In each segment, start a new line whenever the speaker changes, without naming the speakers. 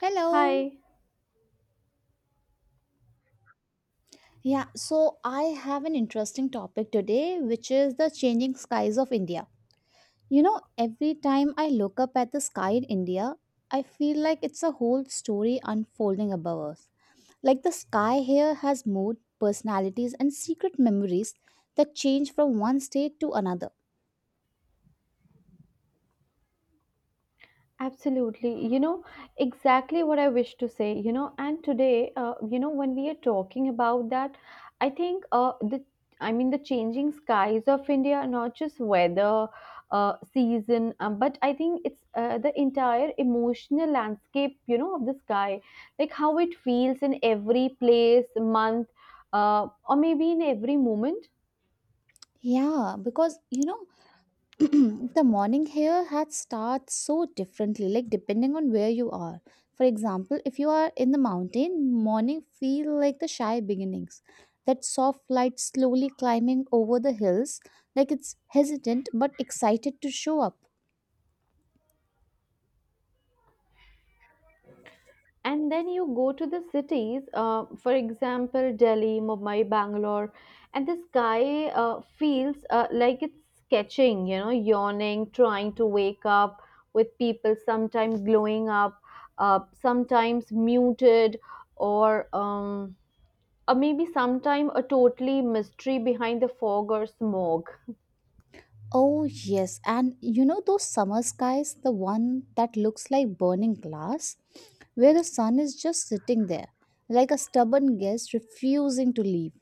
Hello.
Hi,
Yeah, so I have an interesting topic today, which is the changing skies of India. You know, every time I look up at the sky in India, I feel like it's a whole story unfolding above us. Like the sky here has mood, personalities, and secret memories that change from one state to another.
absolutely. You know, exactly what I wish to say, you know, and today, when we are talking about that, I think the changing skies of India, not just weather, season, but I think it's the entire emotional landscape, you know, of the sky, like how it feels in every place, month, or maybe in every moment.
Yeah, because you know, the morning here had starts so differently, like depending on where you are. For example, if you are in the mountain, morning feel like the shy beginnings, that soft light slowly climbing over the hills, like it's hesitant but excited to show up.
And then you go to the cities, for example, Delhi, Mumbai, Bangalore, and the sky feels, like it's sketching, you know, yawning, trying to wake up, with people sometimes glowing up, sometimes muted, or um, or maybe sometime a totally mystery behind the fog or smog.
Oh yes, and you know those summer skies, the one that looks like burning glass, where the sun is just sitting there like a stubborn guest refusing to leave.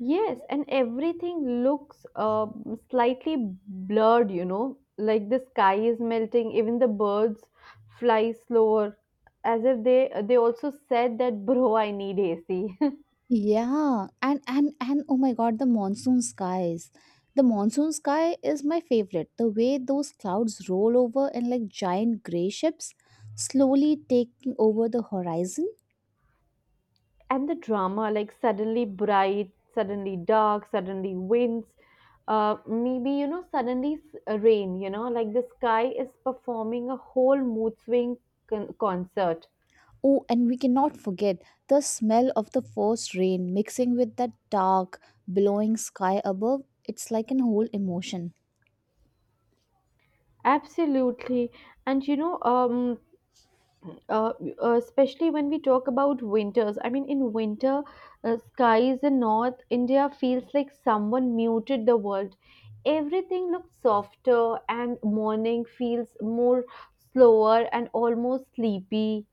Yes, and everything looks slightly blurred, you know, like the sky is melting. Even the birds fly slower, as if they also said that, bro, I need AC.
Yeah, and oh my god, the monsoon skies. The monsoon sky is my favorite. The way those clouds roll over, and like giant gray ships slowly taking over the horizon.
And the drama, like suddenly bright, suddenly dark, suddenly winds, maybe, you know, suddenly rain, you know, like the sky is performing a whole mood swing concert.
Oh, and we cannot forget the smell of the first rain mixing with that dark, blowing sky above. It's like an whole emotion.
Absolutely. And uh, especially when we talk about winters. I mean, in winter, skies in North India feels like someone muted the world. Everything looks softer, and morning feels more slower and almost sleepy.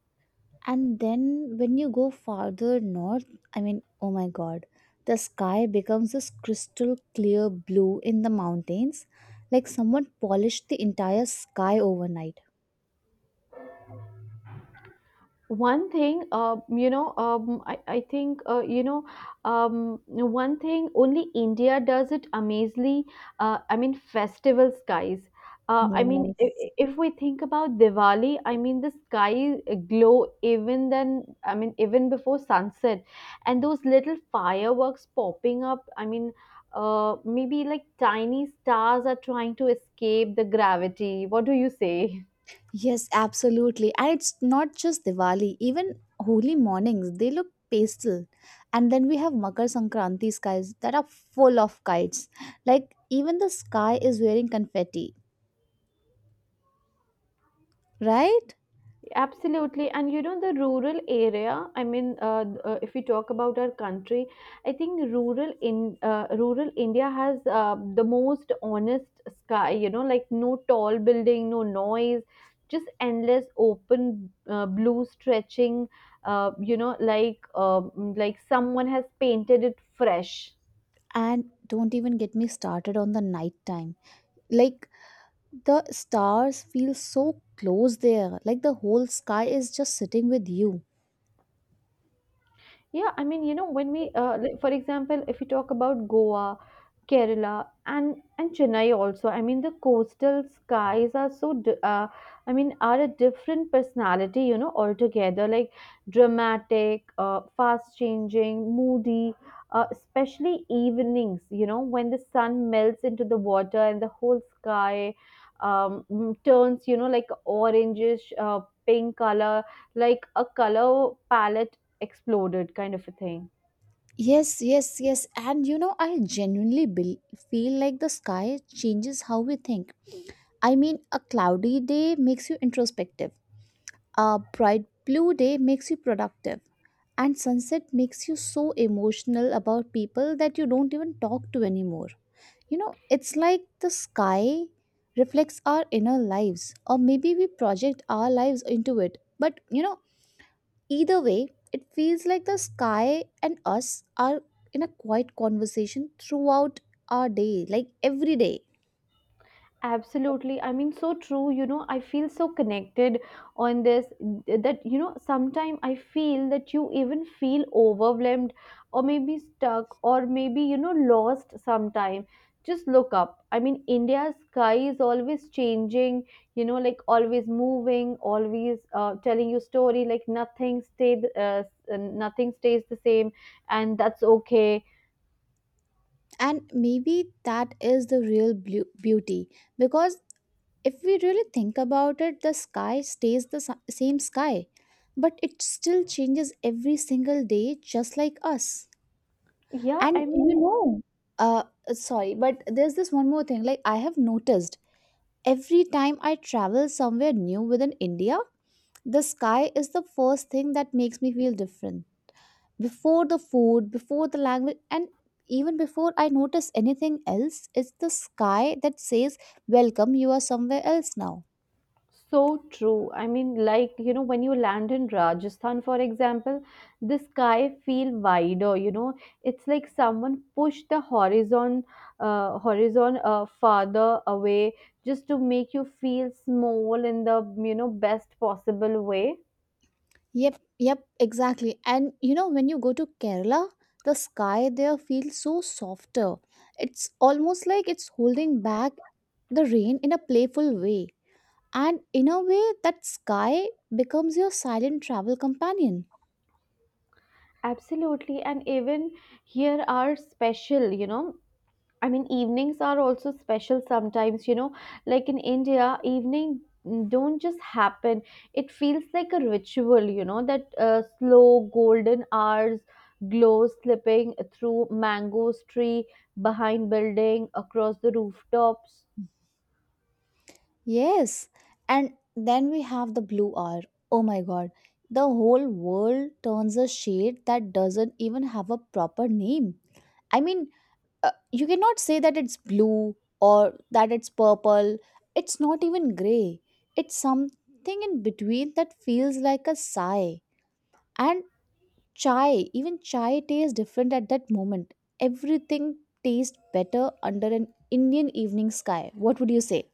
And then when you go farther north, I mean, oh my god, the sky becomes this crystal clear blue in the mountains, like someone polished the entire sky overnight.
One thing, I think, one thing only India does it amazingly, I mean festival skies, I mean if,
Yes.
if we think about Diwali, I mean the sky glow even then, I mean even before sunset. And those little fireworks popping up, I mean, maybe like tiny stars are trying to escape the gravity, what do you say?
Yes, absolutely. And it's not just Diwali, even holy mornings, they look pastel. And then we have Makar Sankranti skies that are full of kites. Like even the sky is wearing confetti, right?
Absolutely. And you know, the rural area, I mean, if we talk about our country, I think rural India has the most honest sky, you know, like no tall building, no noise, just endless open blue stretching, you know, like someone has painted it fresh.
And don't even get me started on the night time. Like the stars feel so close there, like the whole sky is just sitting with you.
Yeah, I mean, you know, when we, like, for example, if you talk about Goa, Kerala, and Chennai also, I mean, the coastal skies are so, I mean, are a different personality, you know, altogether. Like dramatic, fast changing, moody, especially evenings, you know, when the sun melts into the water and the whole sky turns, you know, like orangish, pink color, like a color palette exploded kind of a thing.
Yes, yes, yes, and you know, I genuinely bel feel like the sky changes how we think. I mean, a cloudy day makes you introspective, a bright blue day makes you productive, and sunset makes you so emotional about people that you don't even talk to anymore. You know, it's like the sky reflects our inner lives, or maybe we project our lives into it. But you know, either way, it feels like the sky and us are in a quiet conversation throughout our day, like every day.
Absolutely, I mean, so true. You know, I feel so connected on this, that, you know, sometimes I feel that you even feel overwhelmed or maybe stuck or maybe, you know, lost sometime, just look up. I mean, India's sky is always changing, you know, like always moving, always, telling you story, like nothing stays the same, and that's okay.
And maybe that is the real beauty, because if we really think about it, the sky stays the same sky, but it still changes every single day, just like us.
Yeah,
And
I
you
mean.
know, uh, sorry, but there's this one more thing. Like, I have noticed every time I travel somewhere new within India, the sky is the first thing that makes me feel different. Before the food, before the language, and even before I notice anything else, it's the sky that says, "Welcome, you are somewhere else now."
So true. I mean, like, you know, when you land in Rajasthan, for example, the sky feel wider, you know. It's like someone pushed the horizon, farther away just to make you feel small in the, you know, best possible way.
Yep, yep, exactly. And you know, when you go to Kerala, the sky there feels so softer. It's almost like it's holding back the rain in a playful way, and in a way that sky becomes your silent travel companion.
Absolutely. And even here are special, you know. I mean, evenings are also special sometimes, you know, like in India, evening, don't just happen. It feels like a ritual, you know, that slow golden hours, glow slipping through mangoes tree, behind building, across the rooftops.
Yes, and then we have the blue hour. Oh my god, the whole world turns a shade that doesn't even have a proper name. I mean, you cannot say that it's blue or that it's purple, it's not even gray, it's something in between that feels like a sigh. And chai, even chai tastes different at that moment. Everything tastes better under an Indian evening sky. What would you say?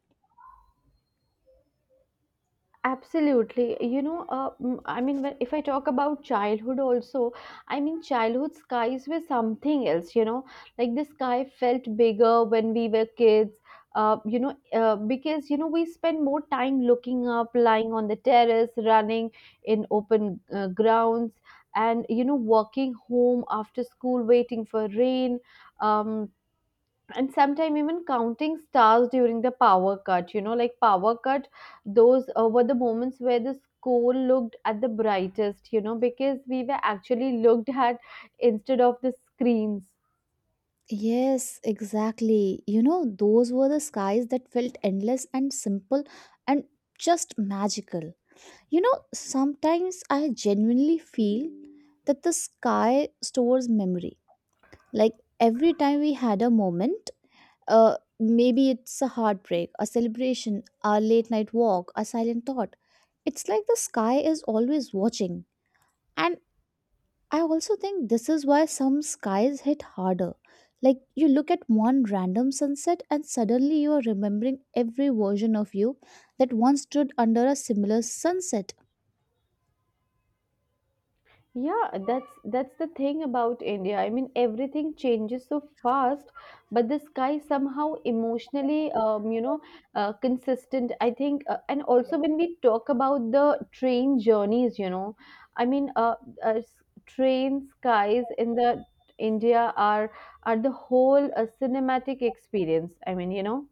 Absolutely. You know, I mean, when, if I talk about childhood also, I mean, childhood skies were something else, you know, like the sky felt bigger when we were kids, because, you know, we spend more time looking up, lying on the terrace, running in open grounds, and, you know, walking home after school, waiting for rain. Um, and sometimes even counting stars during the power cut, you know, like power cut, those were the moments where the school looked at the brightest, you know, because we were actually looked at instead of the screens.
Yes, exactly. You know, those were the skies that felt endless and simple and just magical. You know, sometimes I genuinely feel that the sky stores memory. Like every time we had a moment, maybe it's a heartbreak, a celebration, a late night walk, a silent thought. It's like the sky is always watching. And I also think this is why some skies hit harder. Like you look at one random sunset and suddenly you are remembering every version of you that once stood under a similar sunset.
Yeah, that's the thing about India. I mean, everything changes so fast, but the sky somehow emotionally, consistent, I think. And also when we talk about the train journeys, you know, I mean, train skies in the India are the whole cinematic experience. I mean, you know.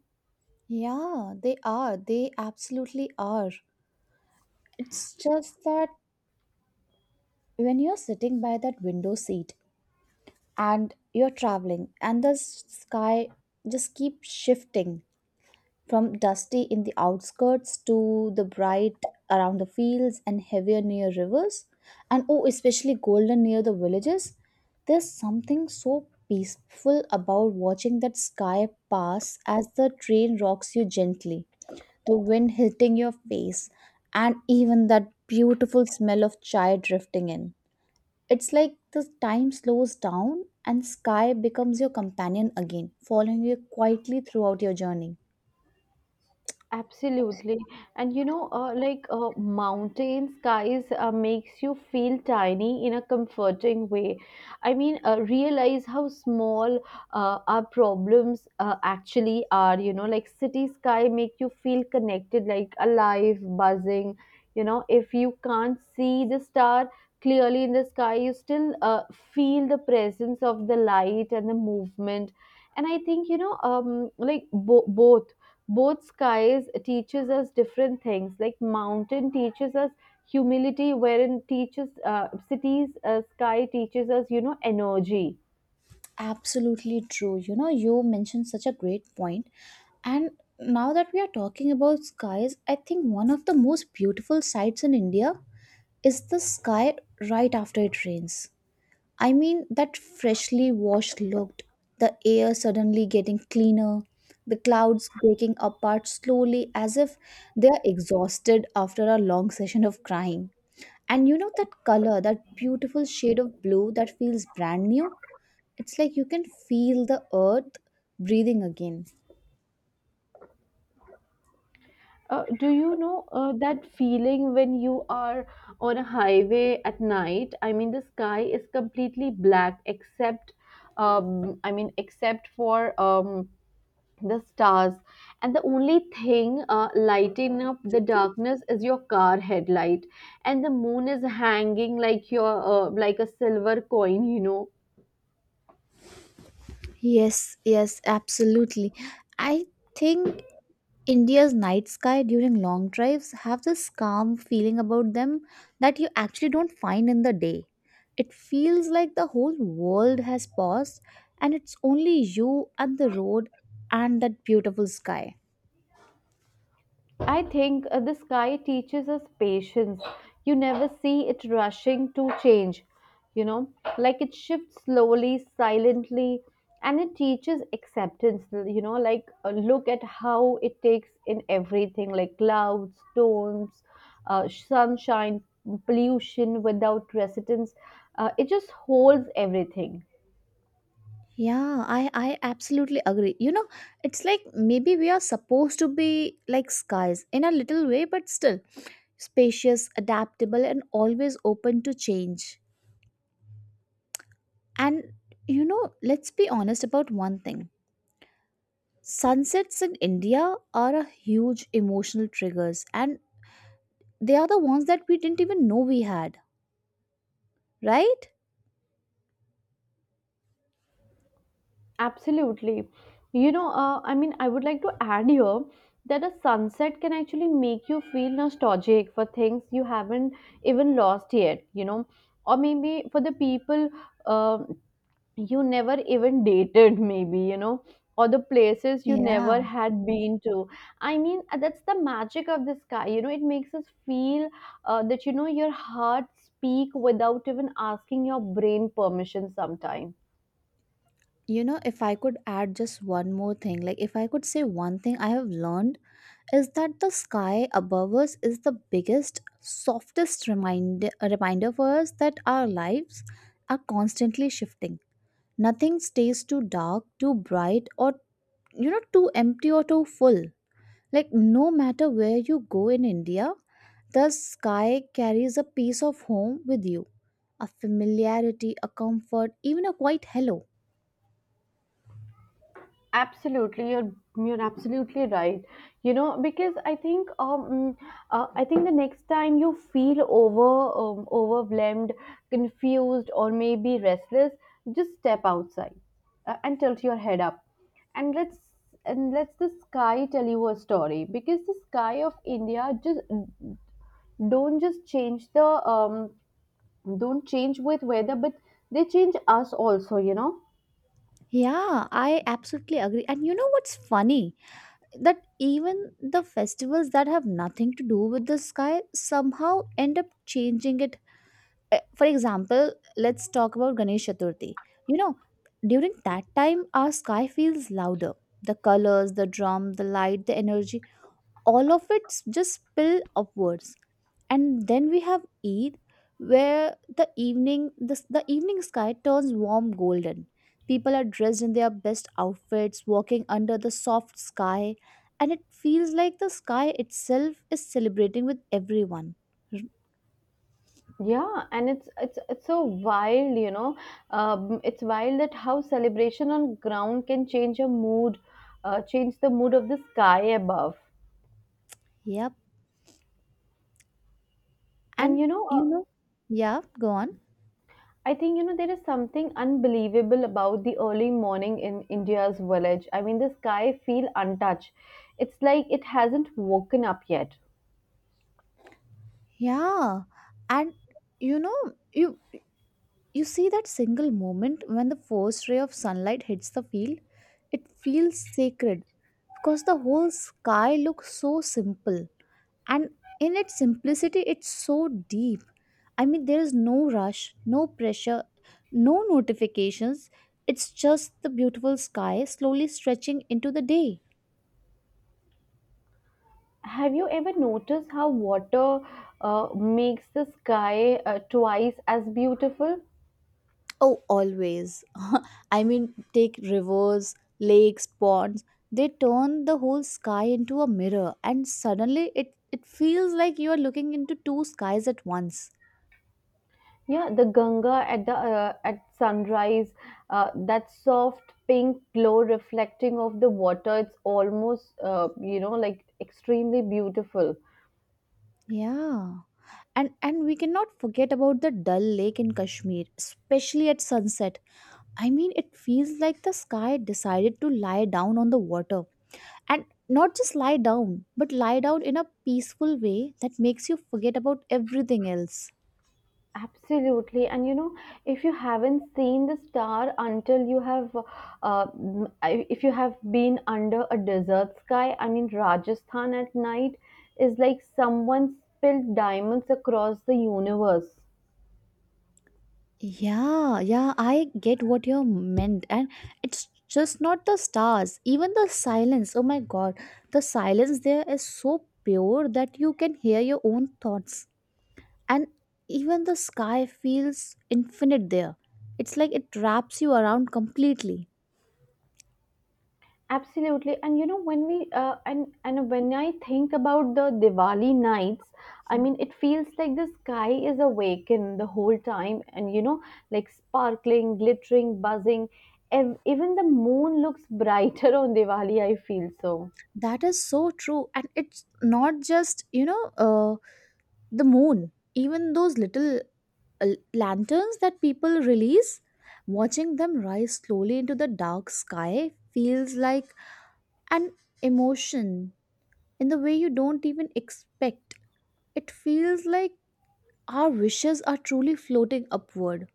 Yeah, they are. They absolutely are. It's just that when you're sitting by that window seat and you're traveling and the sky just keeps shifting, from dusty in the outskirts to the bright around the fields and heavier near rivers, and oh, especially golden near the villages. There's something so peaceful about watching that sky pass as the train rocks you gently, the wind hitting your face, and even that beautiful smell of chai drifting in. It's like the time slows down and sky becomes your companion again, following you quietly throughout your journey.
Absolutely. And you know, mountain skies makes you feel tiny in a comforting way. I mean, realize how small our problems actually are, you know. Like city sky make you feel connected, like alive, buzzing. You know, if you can't see the star clearly in the sky, you still feel the presence of the light and the movement. And I think, you know, like both skies teaches us different things. Like mountain teaches us humility, wherein teaches, cities sky teaches us, you know, energy.
Absolutely true. You know, you mentioned such a great point. And now that we are talking about skies, I think one of the most beautiful sights in India is the sky right after it rains. I mean, that freshly washed looked, the air suddenly getting cleaner, the clouds breaking apart slowly as if they are exhausted after a long session of crying. And you know that color, that beautiful shade of blue that feels brand new? It's like you can feel the earth breathing again.
Do you know that feeling when you are on a highway at night? I mean the sky is completely black except, I mean except for, the stars, and the only thing lighting up the darkness is your car headlight, and the moon is hanging like your like a silver coin, you know.
Yes, yes, absolutely. I think India's night sky during long drives have this calm feeling about them that you actually don't find in the day. It feels like the whole world has paused, and it's only you and the road and that beautiful sky.
I think the sky teaches us patience. You never see it rushing to change, you know, like it shifts slowly, silently, and it teaches acceptance, you know, like, look at how it takes in everything, like clouds, storms, sunshine, pollution without resistance. It just holds everything.
Yeah, I absolutely agree. You know, it's like maybe we are supposed to be like skies in a little way, but still spacious, adaptable, and always open to change. And you know, let's be honest about one thing. Sunsets in India are a huge emotional triggers, and they are the ones that we didn't even know we had, right?
Absolutely. You know, I mean, I would like to add here that a sunset can actually make you feel nostalgic for things you haven't even lost yet, you know, or maybe for the people, um you never even dated, maybe, you know, or the places you never
Yeah.
had been to. I mean, that's the magic of the sky, you know, it makes us feel that, you know, your heart speak without even asking your brain permission sometimes.
You know, if I could add just one more thing, like if I could say one thing I have learned, is that the sky above us is the biggest, softest reminder for us that our lives are constantly shifting. Nothing stays too dark, too bright, or you know, too empty or too full. Like, no matter where you go in India, the sky carries a piece of home with you, a familiarity, a comfort, even a quiet hello.
Absolutely, you're absolutely right. You know, because I think I think the next time you feel overwhelmed, confused, or maybe restless, just step outside and tilt your head up, and let's and let us the sky tell you a story. Because the sky of India just don't just change the um don't change with weather, but they change us also. You know.
Yeah, I absolutely agree. And you know what's funny? That even the festivals that have nothing to do with the sky somehow end up changing it. For example, let's talk about Ganesh Chaturthi. You know, during that time, our sky feels louder. The colors, the drum, the light, the energy, all of it just spill upwards. And then we have Eid, where the evening sky turns warm golden, people are dressed in their best outfits walking under the soft sky, and it feels like the sky itself is celebrating with everyone. R-
Yeah, and it's so wild, you know. It's wild that how celebration on ground can change a mood, change the mood of the sky above.
yep.
And
And
you know,
you know, yeah, go on.
I think you know there is something unbelievable about the early morning in India's village. I mean, the sky feel untouched. It's like it hasn't woken up yet.
Yeah, and you know, you you see that single moment when the first ray of sunlight hits the field? It feels sacred because the whole sky looks so simple. And in its simplicity, it's so deep. I mean, there is no rush, no pressure, no notifications. It's just the beautiful sky slowly stretching into the day.
Have you ever noticed how water makes the sky twice as beautiful?
Oh, always. I mean, take rivers, lakes, ponds. They turn the whole sky into a mirror, and suddenly it feels like you are looking into two skies at once.
Yeah, the Ganga at the at sunrise, that soft pink glow reflecting off the water, it's almost you know, like extremely beautiful.
Yeah. And we cannot forget about the Dal Lake in Kashmir, especially at sunset. I mean, it feels like the sky decided to lie down on the water. And not just lie down, but lie down in a peaceful way that makes you forget about everything else.
Absolutely, and you know, if you haven't seen the star until you have, if you have been under a desert sky, I mean Rajasthan at night is like someone spilled diamonds across the universe.
Yeah, yeah, I get what you meant. And it's just not the stars, even the silence. Oh my god, the silence there is so pure that you can hear your own thoughts. And even the sky feels infinite there. It's like it wraps you around completely.
Absolutely. And you know, when we and when I think about the Diwali nights, I mean, it feels like the sky is awakened the whole time, and you know, like sparkling, glittering, buzzing. Even the moon looks brighter on Diwali. I feel so.
That is so true. And it's not just, you know, the moon. Even those little lanterns that people release, watching them rise slowly into the dark sky, feels like an emotion in the way you don't even expect. It feels like our wishes are truly floating upward.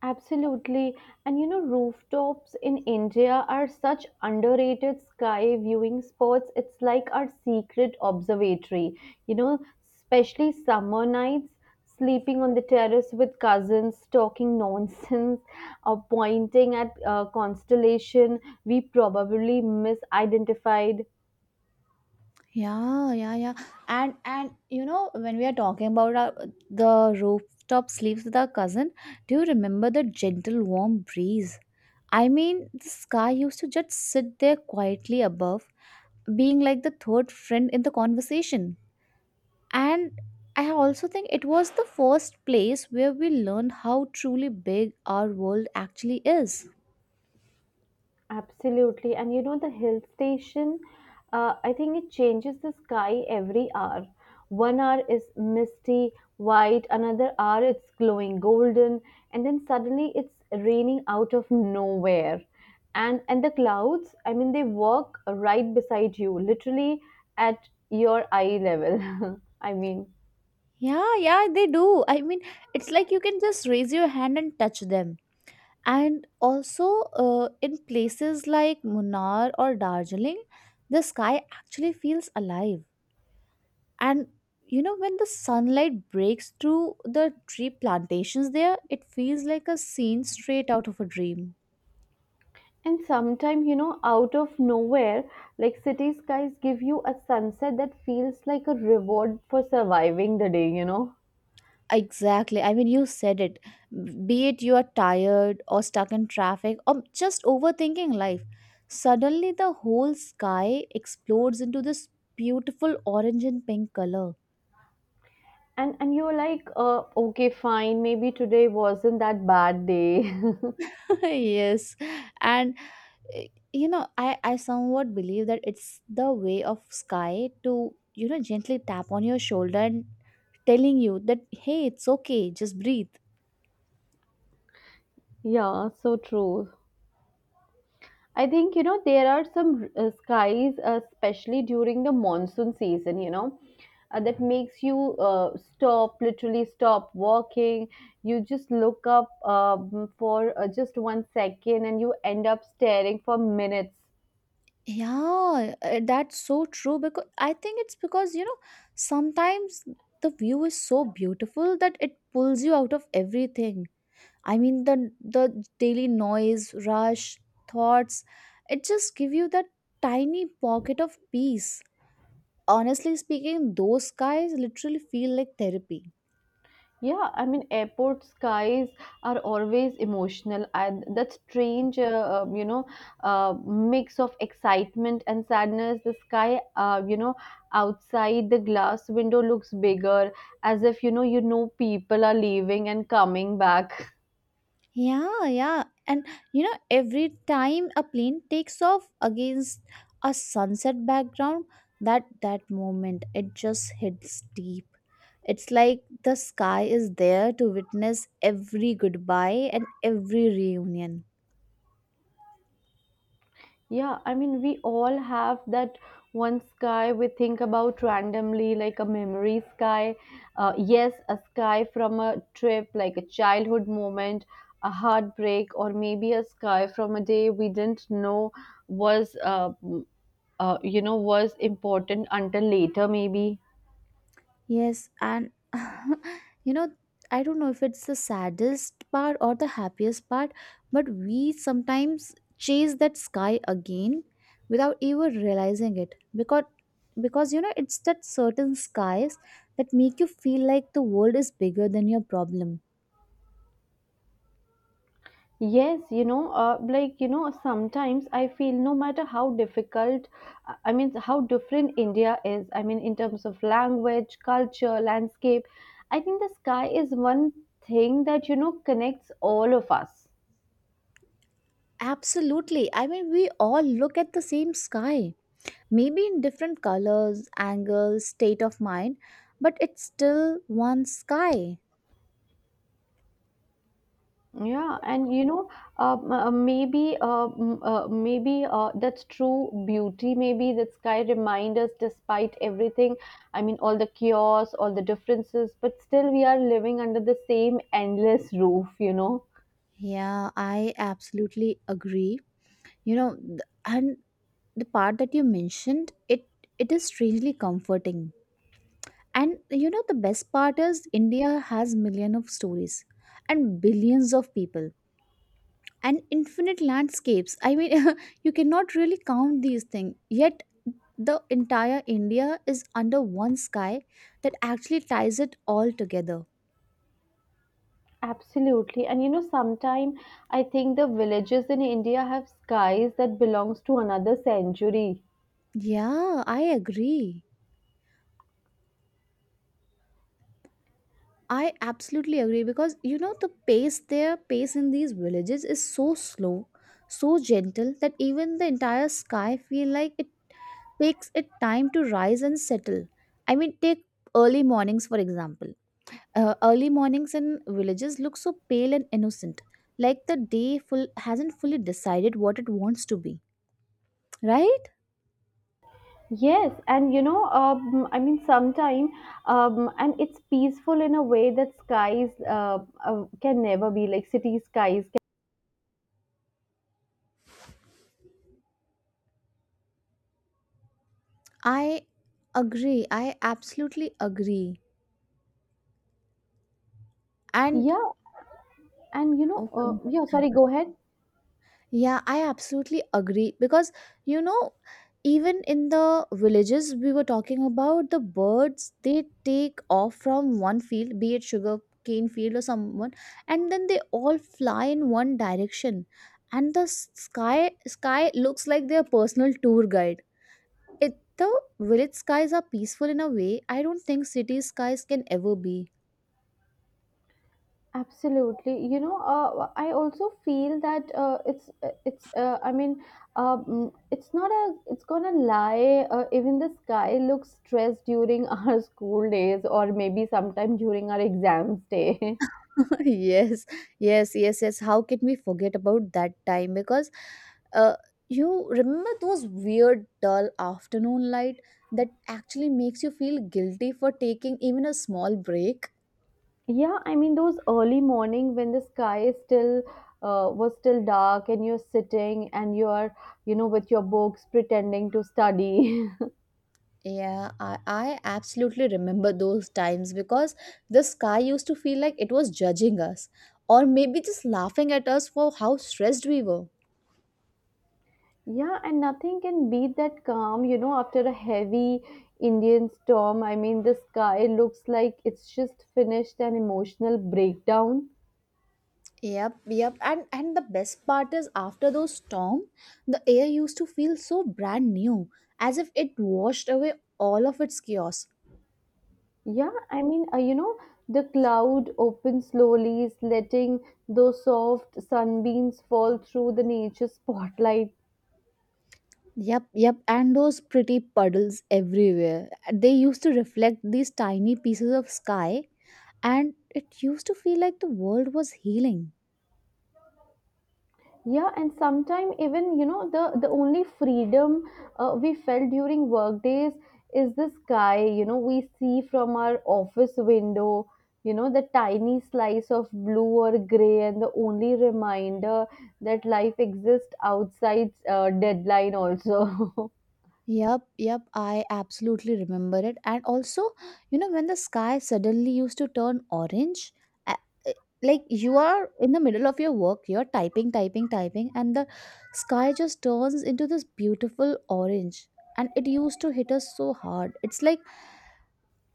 Absolutely. And you know, rooftops in India are such underrated sky viewing spots. It's like our secret observatory. You know, especially summer nights, sleeping on the terrace with cousins, talking nonsense, or pointing at constellation we probably misidentified.
Yeah, yeah, yeah. And you know, when we are talking about our, the rooftop sleeps with our cousin, do you remember the gentle warm breeze? I mean, the sky used to just sit there quietly above, being like the third friend in the conversation. And I also think it was the first place where we learned how truly big our world actually is.
Absolutely. And you know, the hill station, I think it changes the sky every hour. One hour is misty, white, another hour it's glowing golden, and then suddenly it's raining out of nowhere. And the clouds, I mean, they walk right beside you, literally at your eye level. I mean.
Yeah, yeah, they do. I mean, it's like you can just raise your hand and touch them. And also, in places like Munnar or Darjeeling, the sky actually feels alive. And you know, when the sunlight breaks through the tree plantations there, it feels like a scene straight out of a dream.
And sometimes, you know, out of nowhere, like city skies give you a sunset that feels like a reward for surviving the day, you know.
Exactly. I mean, you said it. Be it you are tired or stuck in traffic or just overthinking life, suddenly the whole sky explodes into this beautiful orange and pink color.
And you're like, okay, fine, maybe today wasn't that bad day.
Yes. And, eh, you know, I somewhat believe that it's the way of sky to, you know, gently tap on your shoulder and telling you that, hey, it's okay, just breathe.
Yeah, so true. I think you know there are some skies, especially during the monsoon season. You know, that makes you stop, literally stop walking. You just look up, for just one second, and you end up staring for minutes.
Yeah, that's so true because I think it's because you know sometimes the view is so beautiful that it pulls you out of everything. I mean the daily noise, rush, thoughts, it just give you that tiny pocket of peace. Honestly speaking, those skies literally feel like therapy.
Yeah, I mean, airport skies are always emotional, and that strange, you know, mix of excitement and sadness. The sky, outside the glass window looks bigger, as if people are leaving and coming back.
Yeah, yeah. And you know, every time a plane takes off against a sunset background, that moment it just hits deep. It's like the sky is there to witness every goodbye and every reunion.
Yeah, I mean, we all have that one sky we think about randomly, like a memory sky. Yes, a sky from a trip, like a childhood moment, a heartbreak, or maybe a sky from a day we didn't know was, uh, was important until later, maybe.
Yes, and you know, I don't know if it's the saddest part or the happiest part, but we sometimes chase that sky again without even realizing it because you know it's that certain skies that make you feel like the world is bigger than your problem.
Yes, sometimes I feel no matter how difficult, I mean, how different India is, I mean, in terms of language, culture, landscape, I think the sky is one thing that, connects all of us.
Absolutely. I mean, we all look at the same sky, maybe in different colors, angles, state of mind, but it's still one sky.
Yeah, and you know, m- maybe, m- maybe that's true beauty. Maybe that sky reminds us, despite everything, I mean, all the chaos, all the differences, but still we are living under the same endless roof.
Yeah, I absolutely agree. You know, and the part that you mentioned, it is strangely comforting. And you know, the best part is India has millions of stories and billions of people and infinite landscapes. I mean, you cannot really count these things. Yet the entire India is under one sky that actually ties it all together.
Absolutely, and sometime I think the villages in India have skies that belongs to another century.
Yeah, I agree. I absolutely agree because you know the pace there, pace in these villages is so slow, so gentle that even the entire sky feel like it takes it time to rise and settle. I mean, take early mornings for example. Early mornings in villages look so pale and innocent, like the day full hasn't fully decided what it wants to be. Right?
Yes, and I mean, sometime, and it's peaceful in a way that skies can never be like city skies.
I agree. I absolutely agree.
Can,
And
yeah, and
okay.
yeah, sorry, go ahead.
Yeah, I absolutely agree because you know, even in the villages we were talking about, the birds they take off from one field, be it sugar cane field or someone, and then they all fly in one direction, and the sky looks like their personal tour guide. It the village skies are peaceful in a way I don't think city skies can ever be.
Absolutely, I also feel that it's I mean, it's not a it's gonna lie. Even the sky looks stressed during our school days, or maybe sometime during our exams day.
Yes, yes, yes, yes, how can we forget about that time because uh, you remember those weird dull afternoon light that actually makes you feel guilty for taking even a small break.
Yeah, I mean those early morning when the sky is still was still dark and you're sitting and you're with your books pretending to study.
Yeah, I absolutely remember those times because the sky used to feel like it was judging us or maybe just laughing at us for how stressed we were.
Yeah, and nothing can beat that calm, you know, after a heavy Indian storm. I mean the sky looks like it's just finished an emotional breakdown.
Yep, yep. And the best part is after those storm, the air used to feel so brand new, as if it washed away all of its chaos.
Yeah, I mean, the cloud opens slowly, letting those soft sunbeams fall through the nature spotlight.
Yep, yep. And those pretty puddles everywhere. They used to reflect these tiny pieces of sky, and it used to feel like the world was healing.
Yeah, and sometimes even you know the only freedom we felt during work days is the sky, you know, we see from our office window, you know, the tiny slice of blue or gray, and the only reminder that life exists outside deadline also.
Yep, yep, I absolutely remember it. And also, you know, when the sky suddenly used to turn orange, a- eh, like you are in the middle of your work, you're typing, typing, typing, and the sky just turns into this beautiful orange. And it used to hit us so hard. It's like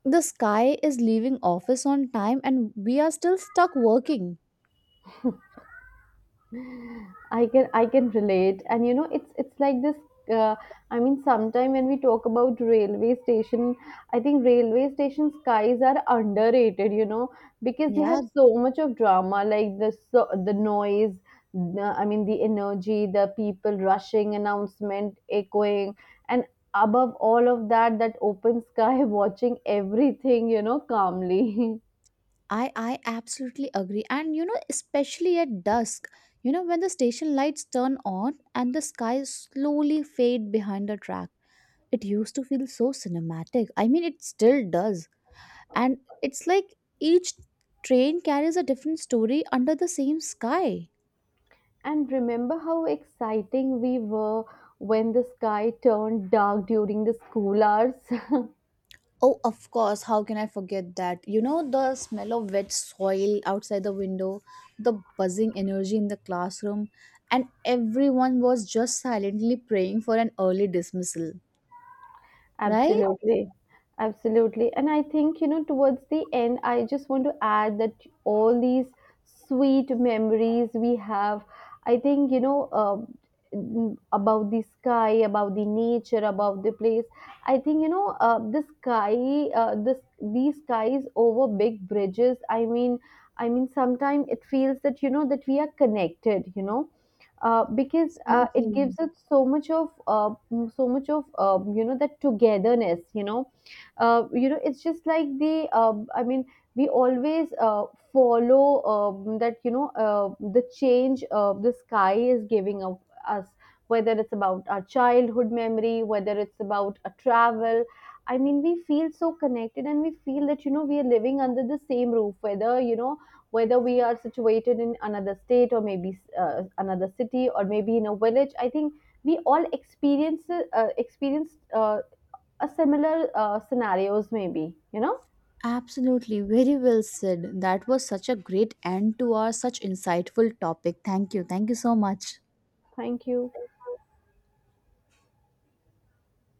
the sky is leaving office on time and we are still stuck working.
I can relate, and you know it's like this. Uh, I mean, sometime when we talk about railway station, I think railway station skies are underrated. You know, because they
Yeah,
have so much of drama, like the noise. I mean, the energy, the people rushing, announcement echoing, and above all of that, that open sky watching everything. You know, calmly.
I absolutely agree. And you know, especially at dusk, you know, when the station lights turn on and the sky slowly fade behind the track. It used to feel so cinematic. I mean, it still does. And it's like each train carries a different story under the same sky.
And remember how exciting we were when the sky turned dark during the school hours?
Oh, of course. How can I forget that? You know, the smell of wet soil outside the window, the buzzing energy in the classroom, and everyone was just silently praying for an early dismissal, right?
Absolutely. Absolutely. And I think, you know, towards the end, I just want to add that all these sweet memories we have, I think, about the sky, about the nature, about the place. I think, the sky, these skies over big bridges. I mean, sometimes it feels that, you know, that we are connected, you know, because it
Absolutely.
gives us so much of so much of you know, that togetherness, you know, you know, it's just like the I mean we always follow, that, you know, the change the sky is giving of us, whether it's about our childhood memory, whether it's about a travel, I mean we feel so connected and we feel that, you know, we are living under the same roof, whether you know, whether we are situated in another state or maybe another city or maybe in a village, I think we all experience a similar scenarios maybe, you know.
Absolutely. Very well said. That was such a great end to our such insightful topic. Thank you. Thank you so much.
Thank you.